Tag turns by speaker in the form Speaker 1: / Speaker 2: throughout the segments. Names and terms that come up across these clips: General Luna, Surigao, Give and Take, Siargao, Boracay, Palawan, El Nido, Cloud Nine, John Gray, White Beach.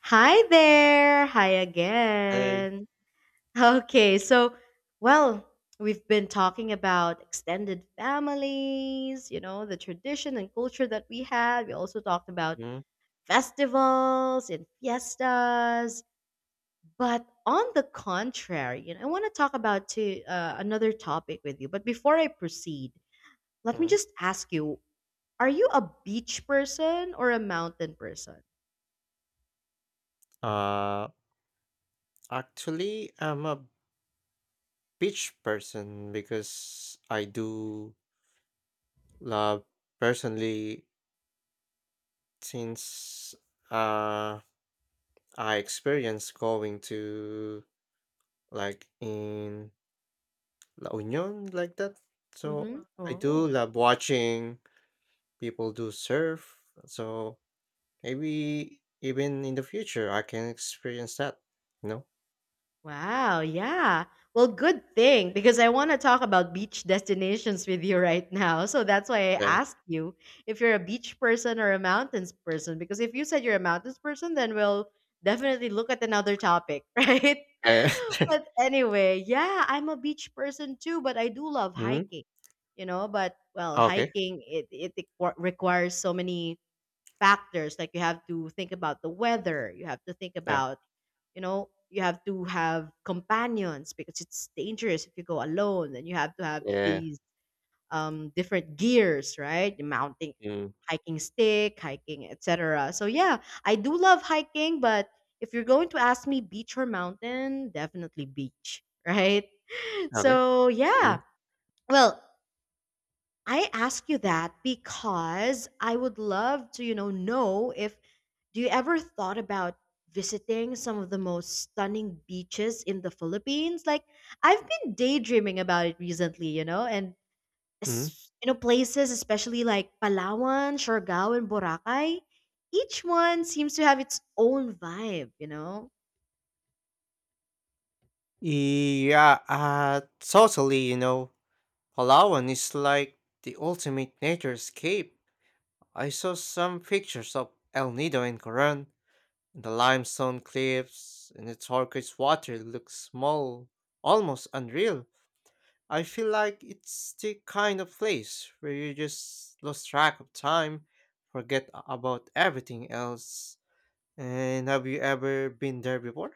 Speaker 1: Hi there. Hi
Speaker 2: I
Speaker 1: again. Okay, so, well, we've been talking about extended families, you know, the tradition and culture that we had. We also talked about festivals and fiestas. But on the contrary, you know, I want to talk about another topic with you. But before I proceed, let me
Speaker 2: Mhm.
Speaker 1: just ask you, are you a beach person or a mountain person?
Speaker 2: Uh, Actually, I'm a beach person because I do love personally since uh I experienced going to like in La Union like that.
Speaker 1: Mm-hmm.
Speaker 2: So I do
Speaker 1: Oh.
Speaker 2: love watching people do surf. So maybe even in the future I can experience that, you know?
Speaker 1: Wow, yeah. Well, good thing, because I want to talk about beach destinations with you right now. So that's why I
Speaker 2: Yeah.
Speaker 1: asked you if you're a beach person or a mountains person. Because if you said you're a mountains person, then we'll definitely look at another topic, right? But anyway, yeah, I'm a beach person too, but I do love
Speaker 2: Mhm.
Speaker 1: hiking, you know. But well,
Speaker 2: Okay.
Speaker 1: hiking it requires so many factors. Like, you have to think about the weather, you have to think
Speaker 2: Yeah.
Speaker 1: about, you have to have companions because it's dangerous if you go alone, and you have to have
Speaker 2: Yeah.
Speaker 1: these different gears, right? The mounting,
Speaker 2: Mm,
Speaker 1: hiking stick, hiking, etc. So yeah, I do love hiking, but if you're going to ask me, beach or mountain, definitely beach, right?
Speaker 2: okay.
Speaker 1: So yeah.
Speaker 2: Mhm,
Speaker 1: Well, I ask you that because I would love to, you know if, do you ever thought about visiting some of the most stunning beaches in the Philippines? Like, I've been daydreaming about it recently, you know, and
Speaker 2: mhm.
Speaker 1: you know, places especially like Palawan, Siargao, and Boracay, each one seems to have its own vibe, you know.
Speaker 2: Yeah, totally. Palawan is like the ultimate nature escape. I saw some pictures of El Nido and Coron, and the limestone cliffs, and the turquoise water looks small, almost unreal. I feel like it's the kind of place where you just lose track of time, forget about everything else. And have you ever been there before?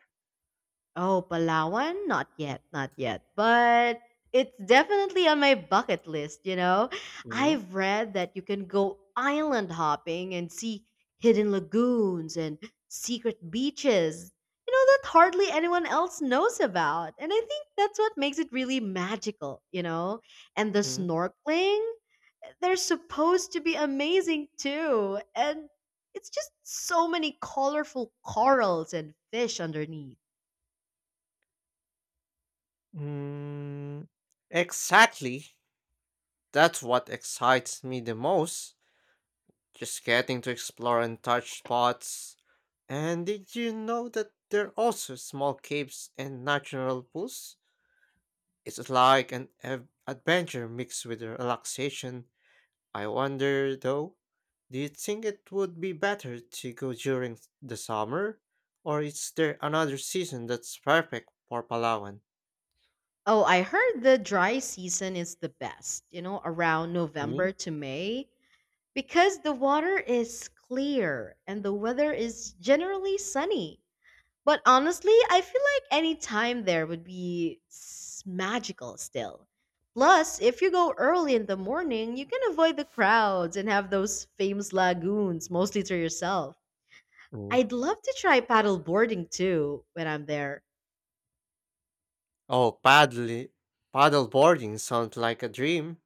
Speaker 1: Oh, Palawan? Not yet, not yet. But it's definitely on my bucket list, you know?
Speaker 2: Mhm,
Speaker 1: I've read that you can go island hopping and see hidden lagoons and secret beaches, you know, that hardly anyone else knows about. And I think that's what makes it really magical, you know? And the
Speaker 2: mhm.
Speaker 1: snorkeling, they're supposed to be amazing too. And it's just so many colorful corals and fish underneath.
Speaker 2: Mm, exactly. That's what excites me the most. Just getting to explore and touch spots. And did you know that there are also small caves and natural pools? It's like an adventure mixed with relaxation. I wonder though, do you think it would be better to go during the summer? Or is there another season that's perfect for Palawan?
Speaker 1: Oh, I heard the dry season is the best, you know, around November to May, because the water is clear and the weather is generally sunny. But honestly, I feel like any time there would be magical still. Plus, if you go early in the morning, you can avoid the crowds and have those famous lagoons mostly to yourself.
Speaker 2: Mm,
Speaker 1: I'd love to try paddle boarding too when I'm there.
Speaker 2: oh, paddle boarding sounds like a dream.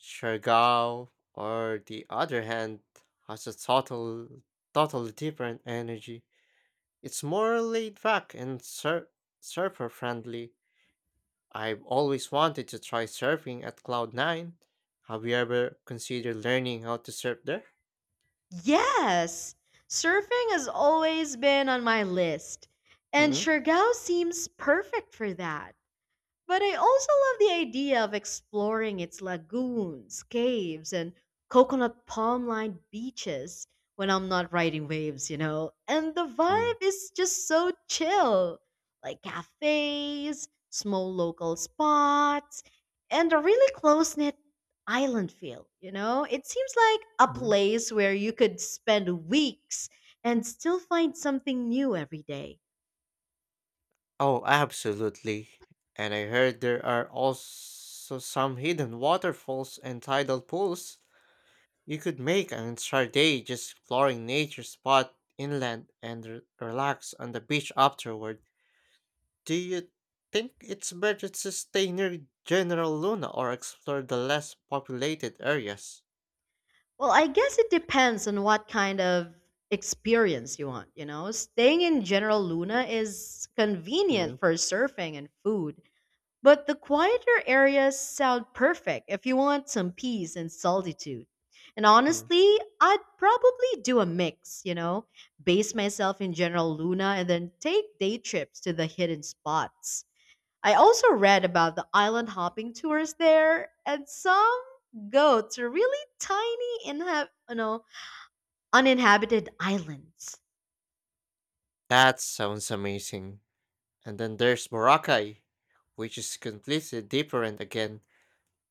Speaker 2: Shergao, or the other hand, has a totally different energy. It's more laid back and surfer friendly. I've always wanted to try surfing at Cloud Nine. Have you ever considered learning how to surf there?
Speaker 1: Yes, surfing has always been on my list, and
Speaker 2: Mm-hmm.
Speaker 1: Siargao seems perfect for that. But I also love the idea of exploring its lagoons, caves, and coconut palm lined beaches when I'm not riding waves, you know? And the
Speaker 2: Mm.
Speaker 1: vibe is just so chill, like cafes, small local spots, and a really close knit island feel, you know? It seems like a
Speaker 2: Mhm.
Speaker 1: place where you could spend weeks and still find something new every day.
Speaker 2: Oh, absolutely. And I heard there are also some hidden waterfalls and tidal pools. You could make an entire day just exploring nature spot inland and relax on the beach afterward. Do you think it's better to stay near General Luna or explore the less populated areas?
Speaker 1: Well, I guess it depends on what kind of experience you want, you know? Staying in General Luna is convenient
Speaker 2: Mhm.
Speaker 1: for surfing and food, but the quieter areas sound perfect if you want some peace and solitude. And honestly, I'd probably do a mix, you know, base myself in General Luna and then take day trips to the hidden spots. I also read about the island hopping tours there, and some go to really tiny, you know, uninhabited islands.
Speaker 2: That sounds amazing. And then there's Boracay, which is completely different again.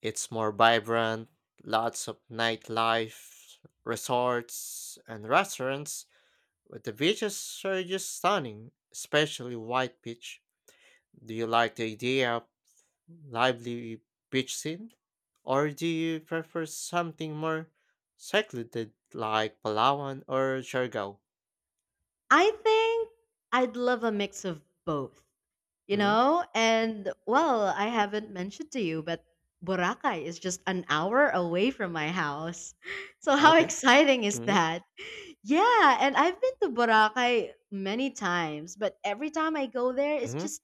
Speaker 2: It's more vibrant, lots of nightlife, resorts, and restaurants. But the beaches are just stunning, especially White Beach. Do you like the idea of lively beach scene? Or do you prefer something more secluded like Palawan or Siargao?
Speaker 1: I think I'd love a mix of both, you
Speaker 2: Mm,
Speaker 1: know? And well, I haven't mentioned to you, but Boracay is just an hour away from my house. So how
Speaker 2: okay.
Speaker 1: exciting is
Speaker 2: Mm,
Speaker 1: that? Yeah, and I've been to Boracay many times, but every time I go there, it's
Speaker 2: mm,
Speaker 1: just,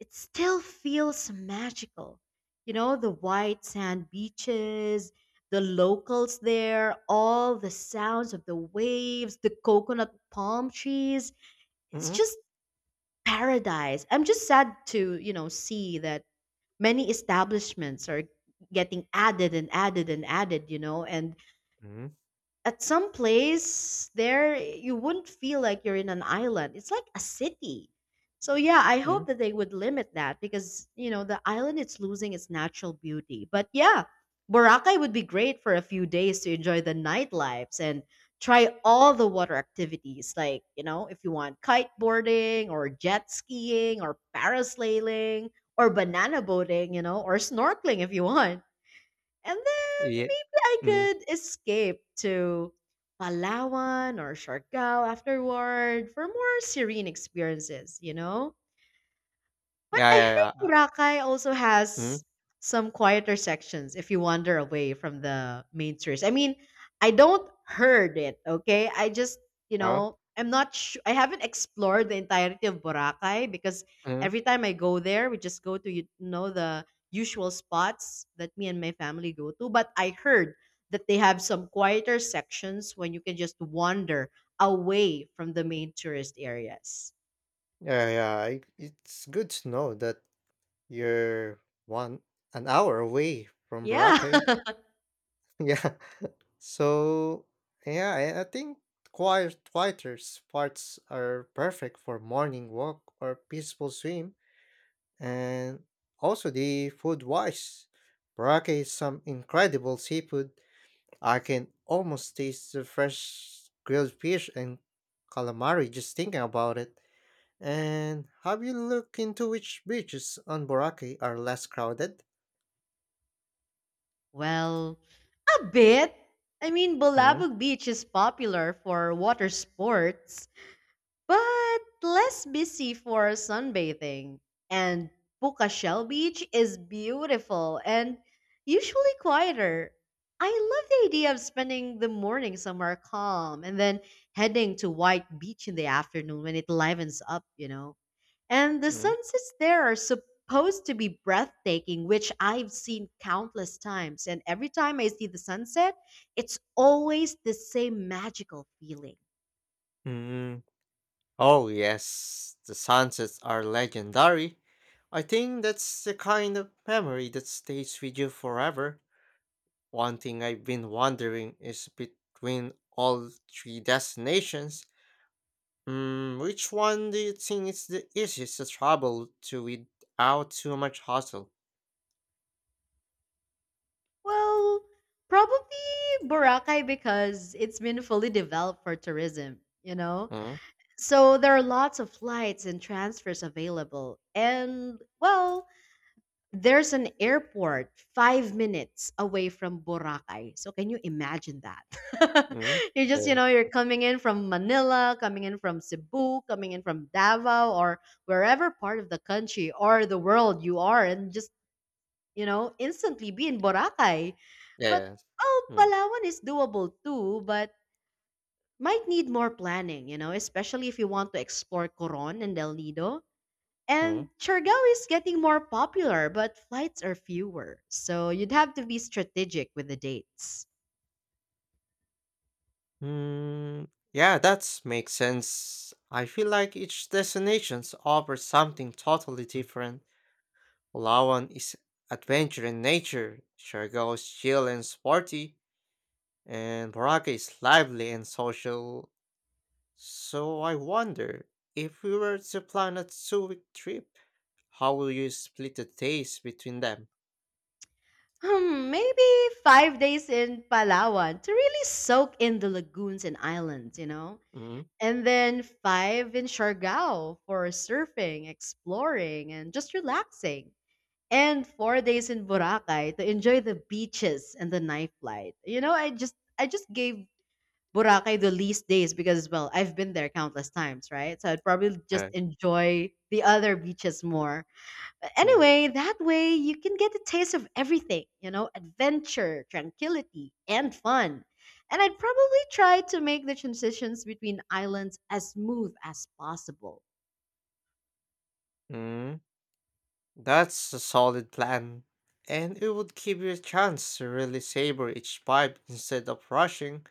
Speaker 1: it still feels magical. You know, the white sand beaches, the locals there, all the sounds of the waves, the coconut palm trees. It's
Speaker 2: mm,
Speaker 1: just paradise. I'm just sad to, you know, see that many establishments are getting added and added and added, you know, and
Speaker 2: mm,
Speaker 1: at some place there you wouldn't feel like you're in an island, it's like a city. So yeah, I
Speaker 2: mm,
Speaker 1: hope that they would limit that, because you know, the island, it's losing its natural beauty. But yeah, Boracay would be great for a few days to enjoy the nightlives and try all the water activities, like you know, if you want kiteboarding or jet skiing or parasailing or banana boating, you know, or snorkeling if you want. And then
Speaker 2: yeah.
Speaker 1: I
Speaker 2: Mm,
Speaker 1: could escape to Palawan or Siargao afterward for more serene experiences, you know? But
Speaker 2: yeah,
Speaker 1: I
Speaker 2: yeah, yeah.
Speaker 1: heard Boracay also has
Speaker 2: Mm,
Speaker 1: some quieter sections if you wander away from the main tourist. I mean, I don't heard it, okay? I just, you
Speaker 2: oh,
Speaker 1: know, I'm not sure. I haven't explored the entirety of Boracay because
Speaker 2: mm,
Speaker 1: every time I go there, we just go to, you know, the usual spots that me and my family go to. But I heard that they have some quieter sections when you can just wander away from the main tourist areas.
Speaker 2: yeah, yeah. It's good to know that you're one an hour away from
Speaker 1: Yeah.
Speaker 2: Boracay. Yeah. So yeah, I think quieter spots are perfect for morning walk or peaceful swim and also the food wise. Boracay is some incredible seafood. I can almost taste the fresh grilled fish and calamari just thinking about it. And have you looked into which beaches on Boracay are less crowded?
Speaker 1: Well, a bit. I mean,
Speaker 2: Mm-hmm.
Speaker 1: Bulabog Beach is popular for water sports, but less busy for sunbathing. And Puka Shell Beach is beautiful and usually quieter. I love the idea of spending the morning somewhere calm and then heading to White Beach in the afternoon when it livens up, you know. And the sunsets there are supposed to be breathtaking, which I've seen countless times. And every time I see the sunset, it's always the same magical feeling.
Speaker 2: Oh, yes, the sunsets are legendary. I think that's the kind of memory that stays with you forever. One thing I've been wondering is between all three destinations, which one do you think is the easiest to travel to without too much hassle?
Speaker 1: Well, probably Boracay because it's been fully developed for tourism, you know?
Speaker 2: Mm,
Speaker 1: So there are lots of flights and transfers available. And, well, there's an airport 5 minutes away from Boracay. So can you imagine that?
Speaker 2: mm,
Speaker 1: You just, you
Speaker 2: uh,
Speaker 1: know, you're coming in from Manila, coming in from Cebu, coming in from Davao or wherever part of the country or the world you are, and just, you know, instantly be in Boracay. But
Speaker 2: yeah.
Speaker 1: oh,
Speaker 2: Mm,
Speaker 1: Palawan is doable too, but might need more planning, you know, especially if you want to explore Coron and El Nido. And
Speaker 2: mm,
Speaker 1: Chargao is getting more popular, but flights are fewer, so you'd have to be strategic with the dates.
Speaker 2: mm. Yeah, that makes sense. I feel like each destinations offers something totally different. Lawan is adventure in nature, Shargo is chill and sporty, and Boracay is lively and social. So I wonder, if we were to plan a 2-week trip, how will you split the days between them?
Speaker 1: Hmm, maybe 5 days in Palawan to really soak in the lagoons and islands, you know?
Speaker 2: Mm,
Speaker 1: And then 5 in Siargao for surfing, exploring, and just relaxing. And 4 days in Boracay to enjoy the beaches and the nightlife. You know, I just gave Boracay the least days because, well, I've been there countless times, right? So I'd probably just
Speaker 2: Uh,
Speaker 1: enjoy the other beaches more. But
Speaker 2: mm,
Speaker 1: anyway, that way you can get a taste of everything, you know, adventure, tranquility, and fun. And I'd probably try to make the transitions between islands as smooth as possible.
Speaker 2: mm. That's a solid plan. And it would give you a chance to really savor each vibe instead of rushing.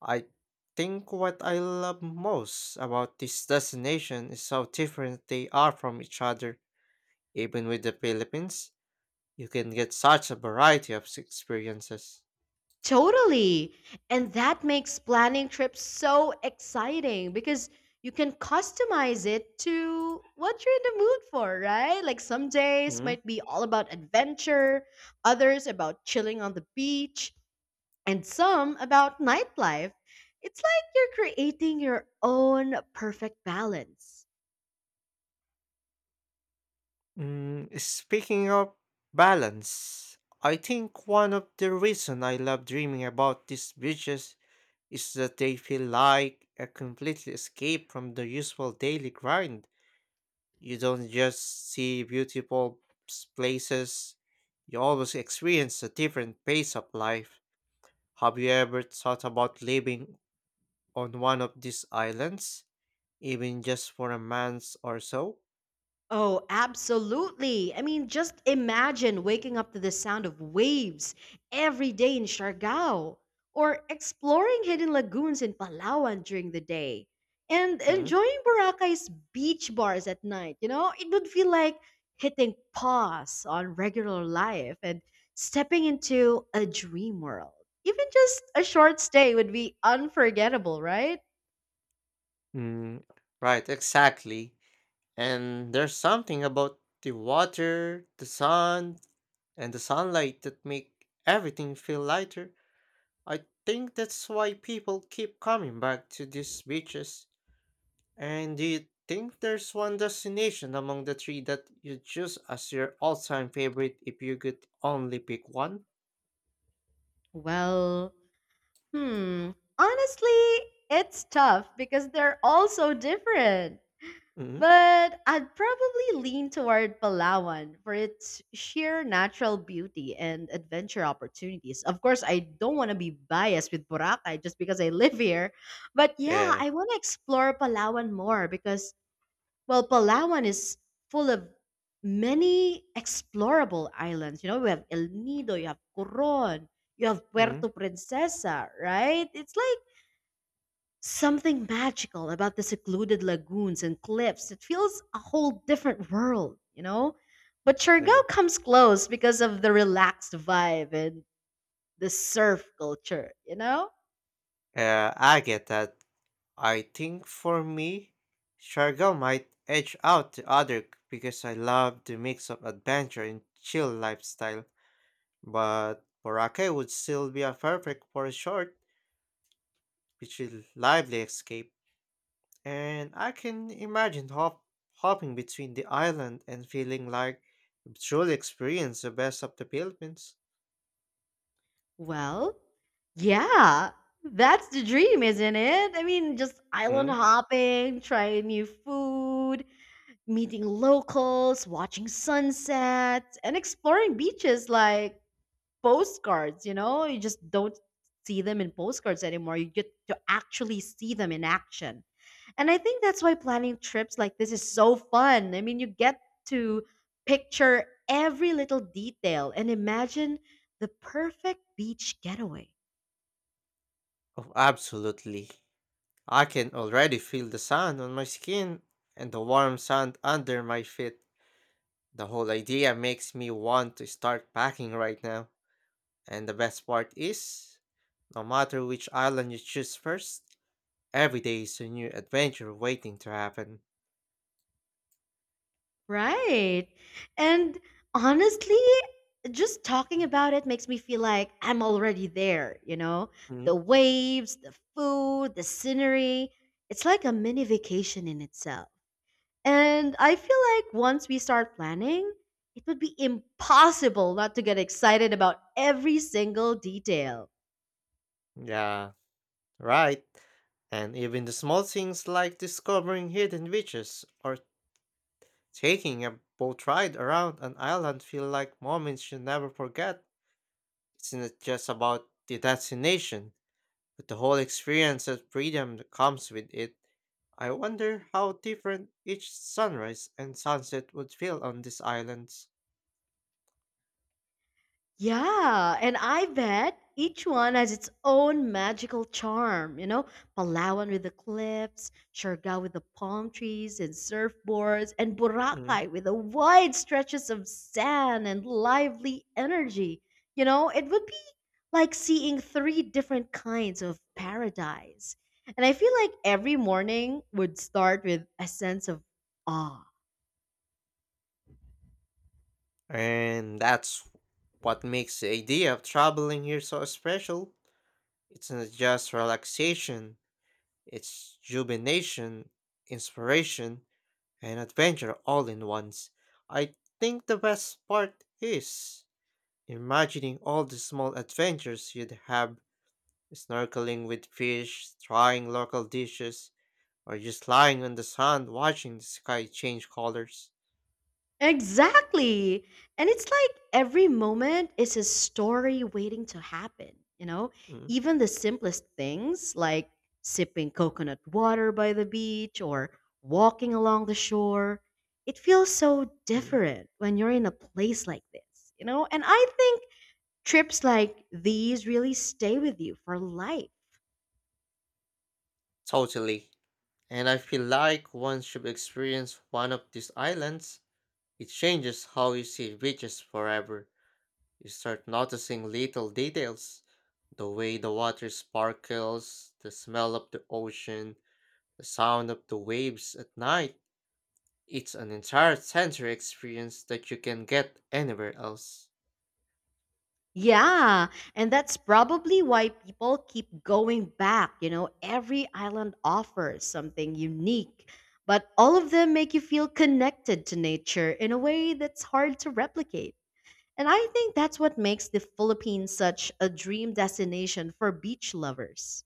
Speaker 2: I think what I love most about this destination is how different they are from each other. Even with the Philippines, you can get such a variety of experiences.
Speaker 1: Totally. And that makes planning trips so exciting because you can customize it to what you're in the mood for, right? Like, some days
Speaker 2: Hmm.
Speaker 1: might be all about adventure, others about chilling on the beach, and some about nightlife. It's like you're creating your own perfect balance.
Speaker 2: Mm, speaking of balance, I think one of the reason I love dreaming about these beaches is that they feel like a complete escape from the usual daily grind. You don't just see beautiful places, you always experience a different pace of life. Have you ever thought about living on one of these islands, even just for a month or so?
Speaker 1: Oh, absolutely. I mean, just imagine waking up to the sound of waves every day in Siargao, or exploring hidden lagoons in Palawan during the day, and
Speaker 2: Hmm?
Speaker 1: enjoying Boracay's beach bars at night. You know, it would feel like hitting pause on regular life and stepping into a dream world. Even just a short stay would be unforgettable, right?
Speaker 2: Mm, right, exactly. And there's something about the water, the sun, and the sunlight that make everything feel lighter. I think that's why people keep coming back to these beaches. And do you think there's one destination among the three that you choose as your all-time favorite if you could only pick one?
Speaker 1: Well, hmm. Honestly, it's tough because they're all so different.
Speaker 2: Mm-hmm.
Speaker 1: But I'd probably lean toward Palawan for its sheer natural beauty and adventure opportunities. Of course, I don't want to be biased with Boracay just because I live here. But yeah,
Speaker 2: Yeah.
Speaker 1: I want to explore Palawan more because, well, Palawan is full of many explorable islands. You know, we have El Nido, you have Coron, you have
Speaker 2: Mm-hmm.
Speaker 1: Puerto Princesa, right? It's like something magical about the secluded lagoons and cliffs. It feels a whole different world, you know? But Siargao
Speaker 2: Clear.
Speaker 1: comes close because of the relaxed vibe and the surf culture, you know?
Speaker 2: I get that. I think for me, Shargo might edge out the other because I love the mix of adventure and chill lifestyle. But Boracay would still be a perfect for a short, which is lively escape. And I can imagine hopping between the island and feeling like you've truly experienced the best of the Philippines.
Speaker 1: Well, yeah, that's the dream, isn't it? I mean, just island
Speaker 2: Mm,
Speaker 1: hopping, trying new food, meeting locals, watching sunsets, and exploring beaches like postcards, you know? You just don't see them in postcards anymore. You get to actually see them in action. And I think that's why planning trips like this is so fun. I mean, you get to picture every little detail and imagine the perfect beach getaway.
Speaker 2: oh, absolutely. I can already feel the sand on my skin and the warm sand under my feet. The whole idea makes me want to start packing right now. And the best part is, no matter which island you choose first, every day is a new adventure waiting to happen.
Speaker 1: Right. And honestly, just talking about it makes me feel like I'm already there, you know? The
Speaker 2: Mm.
Speaker 1: waves, the food, the scenery. It's like a mini vacation in itself. And I feel like once we start planning, it would be impossible not to get excited about every single detail.
Speaker 2: Yeah. Right. And even the small things like discovering hidden beaches or taking a boat ride around an island feel like moments you'll never forget. It's not just about the destination, but the whole experience of freedom that comes with it. I wonder how different each sunrise and sunset would feel on these islands.
Speaker 1: Yeah, and I bet each one has its own magical charm. You know, Palawan with the cliffs, Siargao with the palm trees and surfboards, and
Speaker 2: Mm.
Speaker 1: Boracay with the wide stretches of sand and lively energy. You know, it would be like seeing three different kinds of paradise. And I feel like every morning would start with a sense of awe.
Speaker 2: And that's what makes the idea of traveling here so special. It's not just relaxation, it's jubilation, inspiration, and adventure all in once. I think the best part is imagining all the small adventures you'd have snorkeling with fish, trying local dishes, or just lying on the sand watching the sky change colors.
Speaker 1: Exactly. And it's like every moment is a story waiting to happen, you know?
Speaker 2: Mm,
Speaker 1: Even the simplest things like sipping coconut water by the beach or walking along the shore, it feels so
Speaker 2: mm,
Speaker 1: different when you're in a place like this, you know? And I think trips like these really stay with you for life.
Speaker 2: totally. And I feel like once you experience one of these islands, it changes how you see beaches forever. You start noticing little details the way the water sparkles, the smell of the ocean, the sound of the waves at night. It's an entire sensory experience that you can get anywhere else.
Speaker 1: Yeah, and that's probably why people keep going back. You know, every island offers something unique, but all of them make you feel connected to nature in a way that's hard to replicate. And I think that's what makes the Philippines such a dream destination for beach lovers.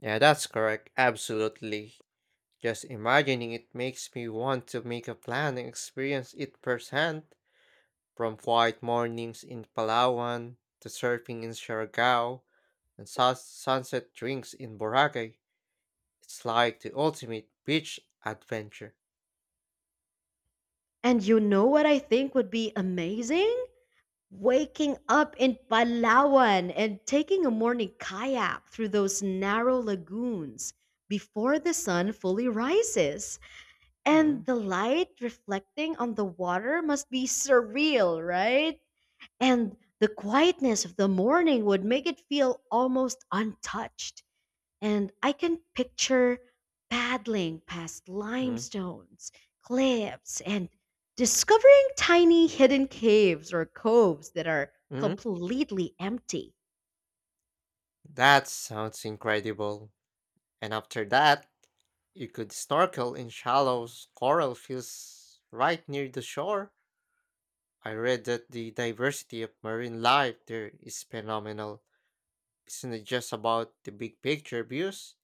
Speaker 2: Yeah, that's correct. Absolutely. Just imagining it makes me want to make a plan and experience it firsthand. From quiet mornings in Palawan to surfing in Siargao and sunset drinks in Boracay. It's like the ultimate beach adventure.
Speaker 1: And you know what I think would be amazing? Waking up in Palawan and taking a morning kayak through those narrow lagoons before the sun fully rises. And
Speaker 2: Mm,
Speaker 1: the light reflecting on the water must be surreal, right? And the quietness of the morning would make it feel almost untouched, and I can picture paddling past
Speaker 2: mm,
Speaker 1: limestones, cliffs, and discovering tiny hidden caves or coves that are
Speaker 2: mm.
Speaker 1: completely empty.
Speaker 2: That sounds incredible. And after that, you could snorkel in shallow coral fields right near the shore. I read that the diversity of marine life there is phenomenal. It's not just about the big picture views,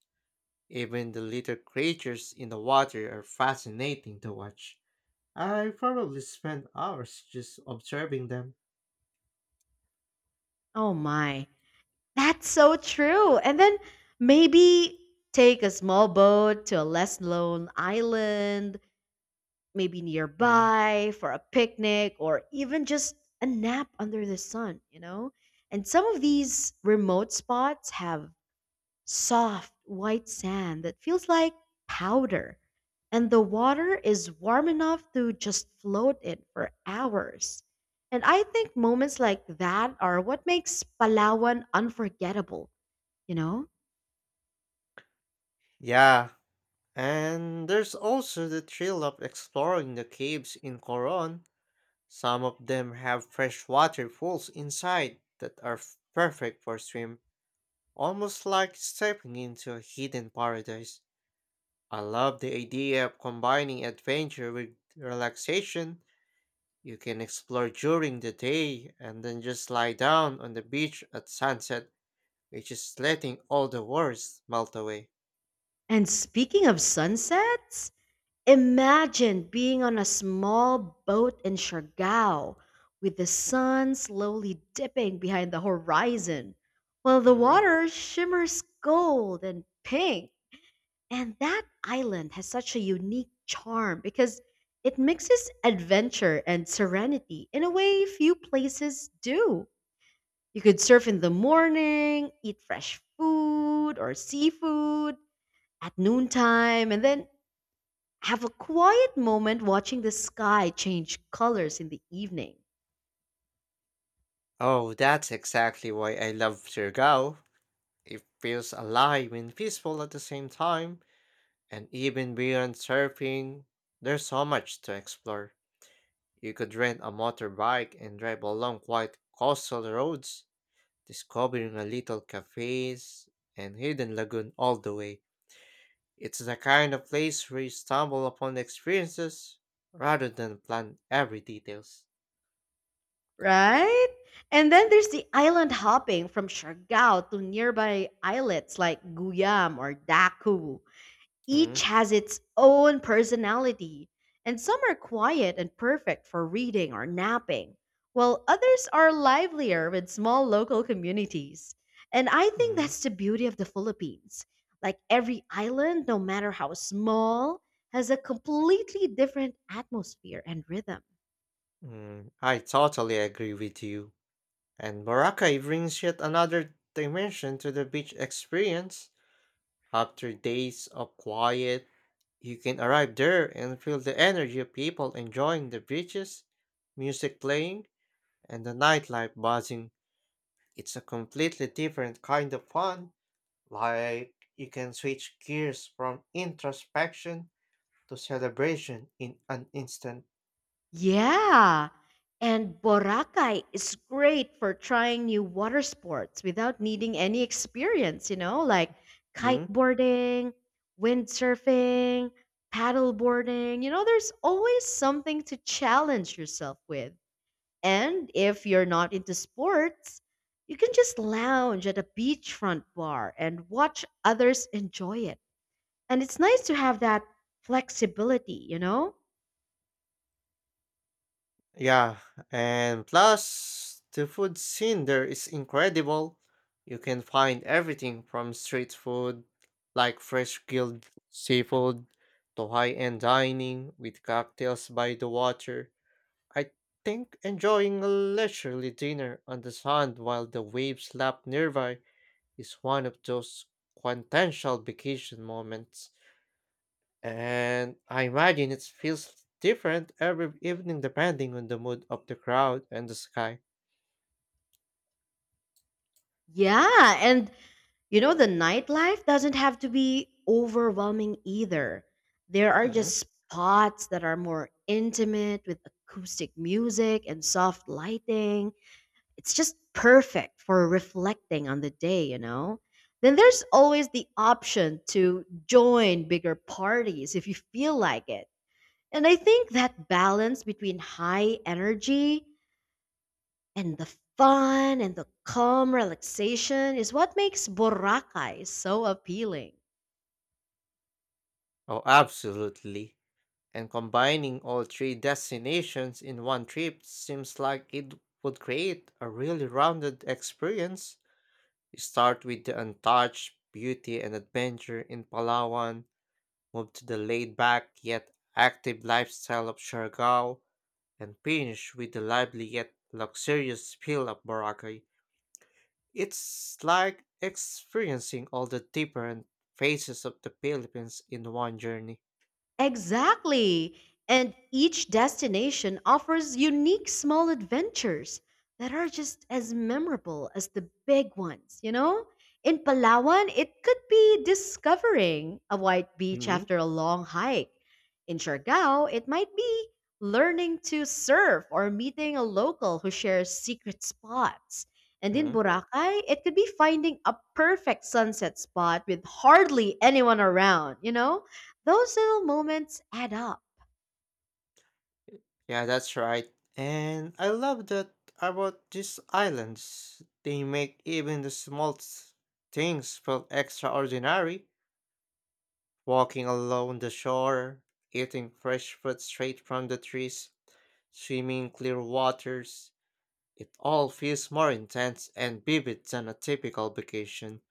Speaker 2: even the little creatures in the water are fascinating to watch. I probably spent hours just observing them.
Speaker 1: Oh my, that's so true. And then maybe take a small boat to a less lone island, maybe
Speaker 2: Mm.
Speaker 1: nearby for a picnic or even just a nap under the sun, you know? And some of these remote spots have soft white sand that feels like powder, and the water is warm enough to just float in for hours. And I think moments like that are what makes Palawan unforgettable, you know?
Speaker 2: Yeah, and there's also the thrill of exploring the caves in Coron. Some of them have freshwater pools inside that are perfect for swim, almost like stepping into a hidden paradise. I love the idea of combining adventure with relaxation. You can explore during the day and then just lie down on the beach at sunset, which is letting all the worries melt away.
Speaker 1: And speaking of sunsets, imagine being on a small boat in Siargao with the sun slowly dipping behind the horizon while the
Speaker 2: Hmm.
Speaker 1: water shimmers gold and pink. And that island has such a unique charm because it mixes adventure and serenity in a way few places do. You could surf in the morning, eat fresh food or seafood at noontime, and then have a quiet moment watching the sky change colors in the evening,
Speaker 2: Oh, that's exactly why I love Surigao. It feels alive and peaceful at the same time, and even beyond surfing, there's so much to explore. You could rent a motorbike and drive along quiet coastal roads discovering a little cafes and hidden lagoon all the way. It's the kind of place where you stumble upon experiences rather than plan every details.
Speaker 1: right? And then there's the island hopping from Siargao to nearby islets like Guyam or Daku. Each
Speaker 2: Mm,
Speaker 1: has its own personality, and some are quiet and perfect for reading or napping, while others are livelier with small local communities. And I think
Speaker 2: mm,
Speaker 1: that's the beauty of the Philippines. Like every island, no matter how small, has a completely different atmosphere and rhythm.
Speaker 2: mm. I totally agree with you. And Boracay brings yet another dimension to the beach experience. After days of quiet, you can arrive there and feel the energy of people enjoying the beaches, music playing, and the nightlife buzzing. It's a completely different kind of fun. Like, you can switch gears from introspection to celebration in an instant.
Speaker 1: Yeah. And Boracay is great for trying new water sports without needing any experience, you know, like
Speaker 2: Mm,
Speaker 1: kiteboarding, windsurfing, paddleboarding. You know, there's always something to challenge yourself with. And if you're not into sports, you can just lounge at a beachfront bar and watch others enjoy it. And it's nice to have that flexibility, you know?
Speaker 2: yeah, and plus, the food scene there is incredible. You can find everything from street food, like fresh grilled seafood, to high end dining with cocktails by the water. I think enjoying a leisurely dinner on the sand while the waves lap nearby is one of those quintessential vacation moments, and I imagine it feels different every evening depending on the mood of the crowd and the sky.
Speaker 1: Yeah, and the nightlife doesn't have to be overwhelming either. There are
Speaker 2: Mhm.
Speaker 1: just spots that are more intimate with acoustic music and soft lighting. It's just perfect for reflecting on the day, you know? Then there's always the option to join bigger parties if you feel like it. And I think that balance between high energy and the fun and the calm relaxation is what makes Boracay so appealing.
Speaker 2: Oh, absolutely. And combining all three destinations in one trip seems like it would create a really rounded experience. You start with the untouched beauty and adventure in Palawan, move to the laid back yet active lifestyle of Siargao, and finish with the lively yet luxurious feel of Boracay. It's like experiencing all the different phases of the Philippines in one journey.
Speaker 1: Exactly. And each destination offers unique small adventures that are just as memorable as the big ones, you know? In Palawan, it could be discovering a white beach
Speaker 2: Hmm.
Speaker 1: after a long hike. In Siargao, it might be learning to surf or meeting a local who shares secret spots. And in
Speaker 2: Hmm.
Speaker 1: Boracay, it could be finding a perfect sunset spot with hardly anyone around, you know? Those little moments add up.
Speaker 2: Yeah, that's right. And I love that about these islands. They make even the small things feel extraordinary. Walking along the shore, eating fresh fruit straight from the trees, swimming in clear waters, it all feels more intense and vivid than a typical vacation.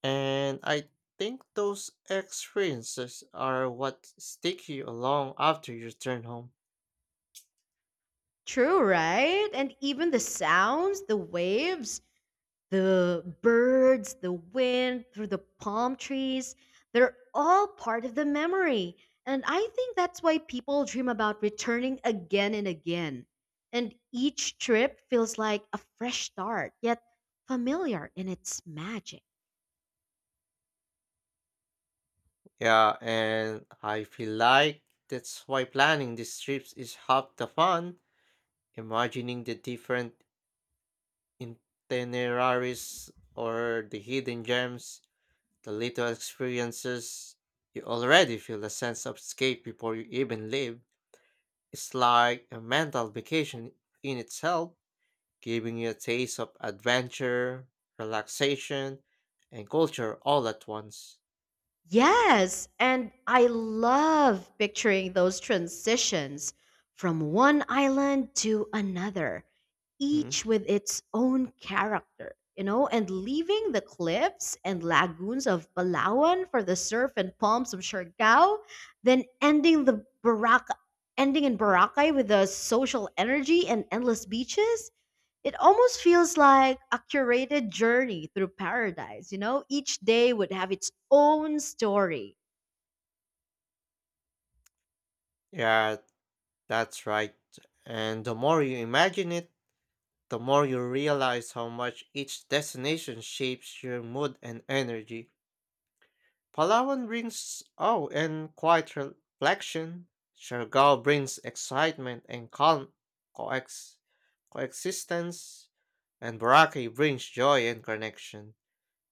Speaker 2: And I think those experiences are what stick you along after you return home.
Speaker 1: True, right? And even the sounds, the waves, the birds, the wind through the palm trees, they're all part of the memory. And I think that's why people dream about returning again and again. And each trip feels like a fresh start, yet familiar in its magic.
Speaker 2: Yeah, and I feel like that's why planning these trips is half the fun. Imagining the different itineraries or the hidden gems, the little experiences, you already feel a sense of escape before you even leave. It's like a mental vacation in itself, giving you a taste of adventure, relaxation, and culture all at once.
Speaker 1: Yes, and I love picturing those transitions from one island to another,
Speaker 2: Mhm.
Speaker 1: each with its own character, you know, and leaving the cliffs and lagoons of Palawan for the surf and palms of Siargao, then ending in Boracay with the social energy and endless beaches. It almost feels like a curated journey through paradise, you know? Each day would have its own story.
Speaker 2: Yeah, that's right. And the more you imagine it, the more you realize how much each destination shapes your mood and energy. Palawan brings awe and quiet reflection. Siargao brings excitement and calm coex- coexistence. And Boracay brings joy and connection.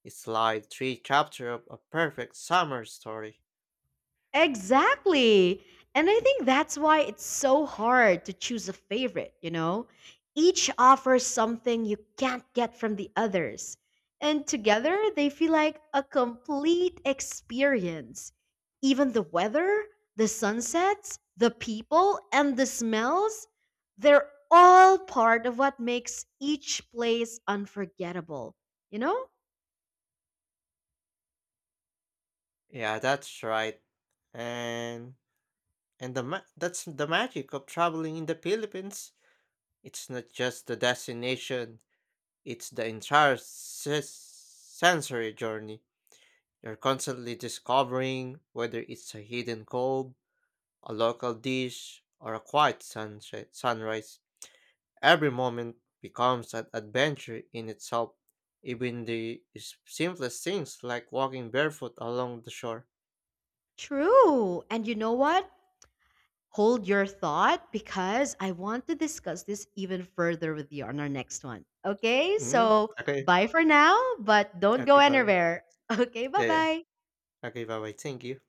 Speaker 2: It's like three chapters of a perfect summer story.
Speaker 1: Exactly. And I think that's why it's so hard to choose a favorite, you know? Each offers something you can't get from the others. And together, they feel like a complete experience. Even the weather, the sunsets, the people, and the smells, they're all part of what makes each place unforgettable, you know?
Speaker 2: Yeah, that's right. And and that's the magic of traveling in the Philippines. It's not just the destination; it's the entire sensory journey. You're constantly discovering whether it's a hidden cove, a local dish, or a quiet sunset sunrise. Every moment becomes an adventure in itself, even the simplest things like walking barefoot along the shore.
Speaker 1: True. And you know what? Hold your thought because I want to discuss this even further with you on our next one. Okay,
Speaker 2: Mm-hmm.
Speaker 1: so
Speaker 2: Okay,
Speaker 1: bye for now, but don't go
Speaker 2: okay, bye.
Speaker 1: anywhere. Okay, bye
Speaker 2: Yeah, yeah.
Speaker 1: bye.
Speaker 2: Okay, bye. Bye. Thank you.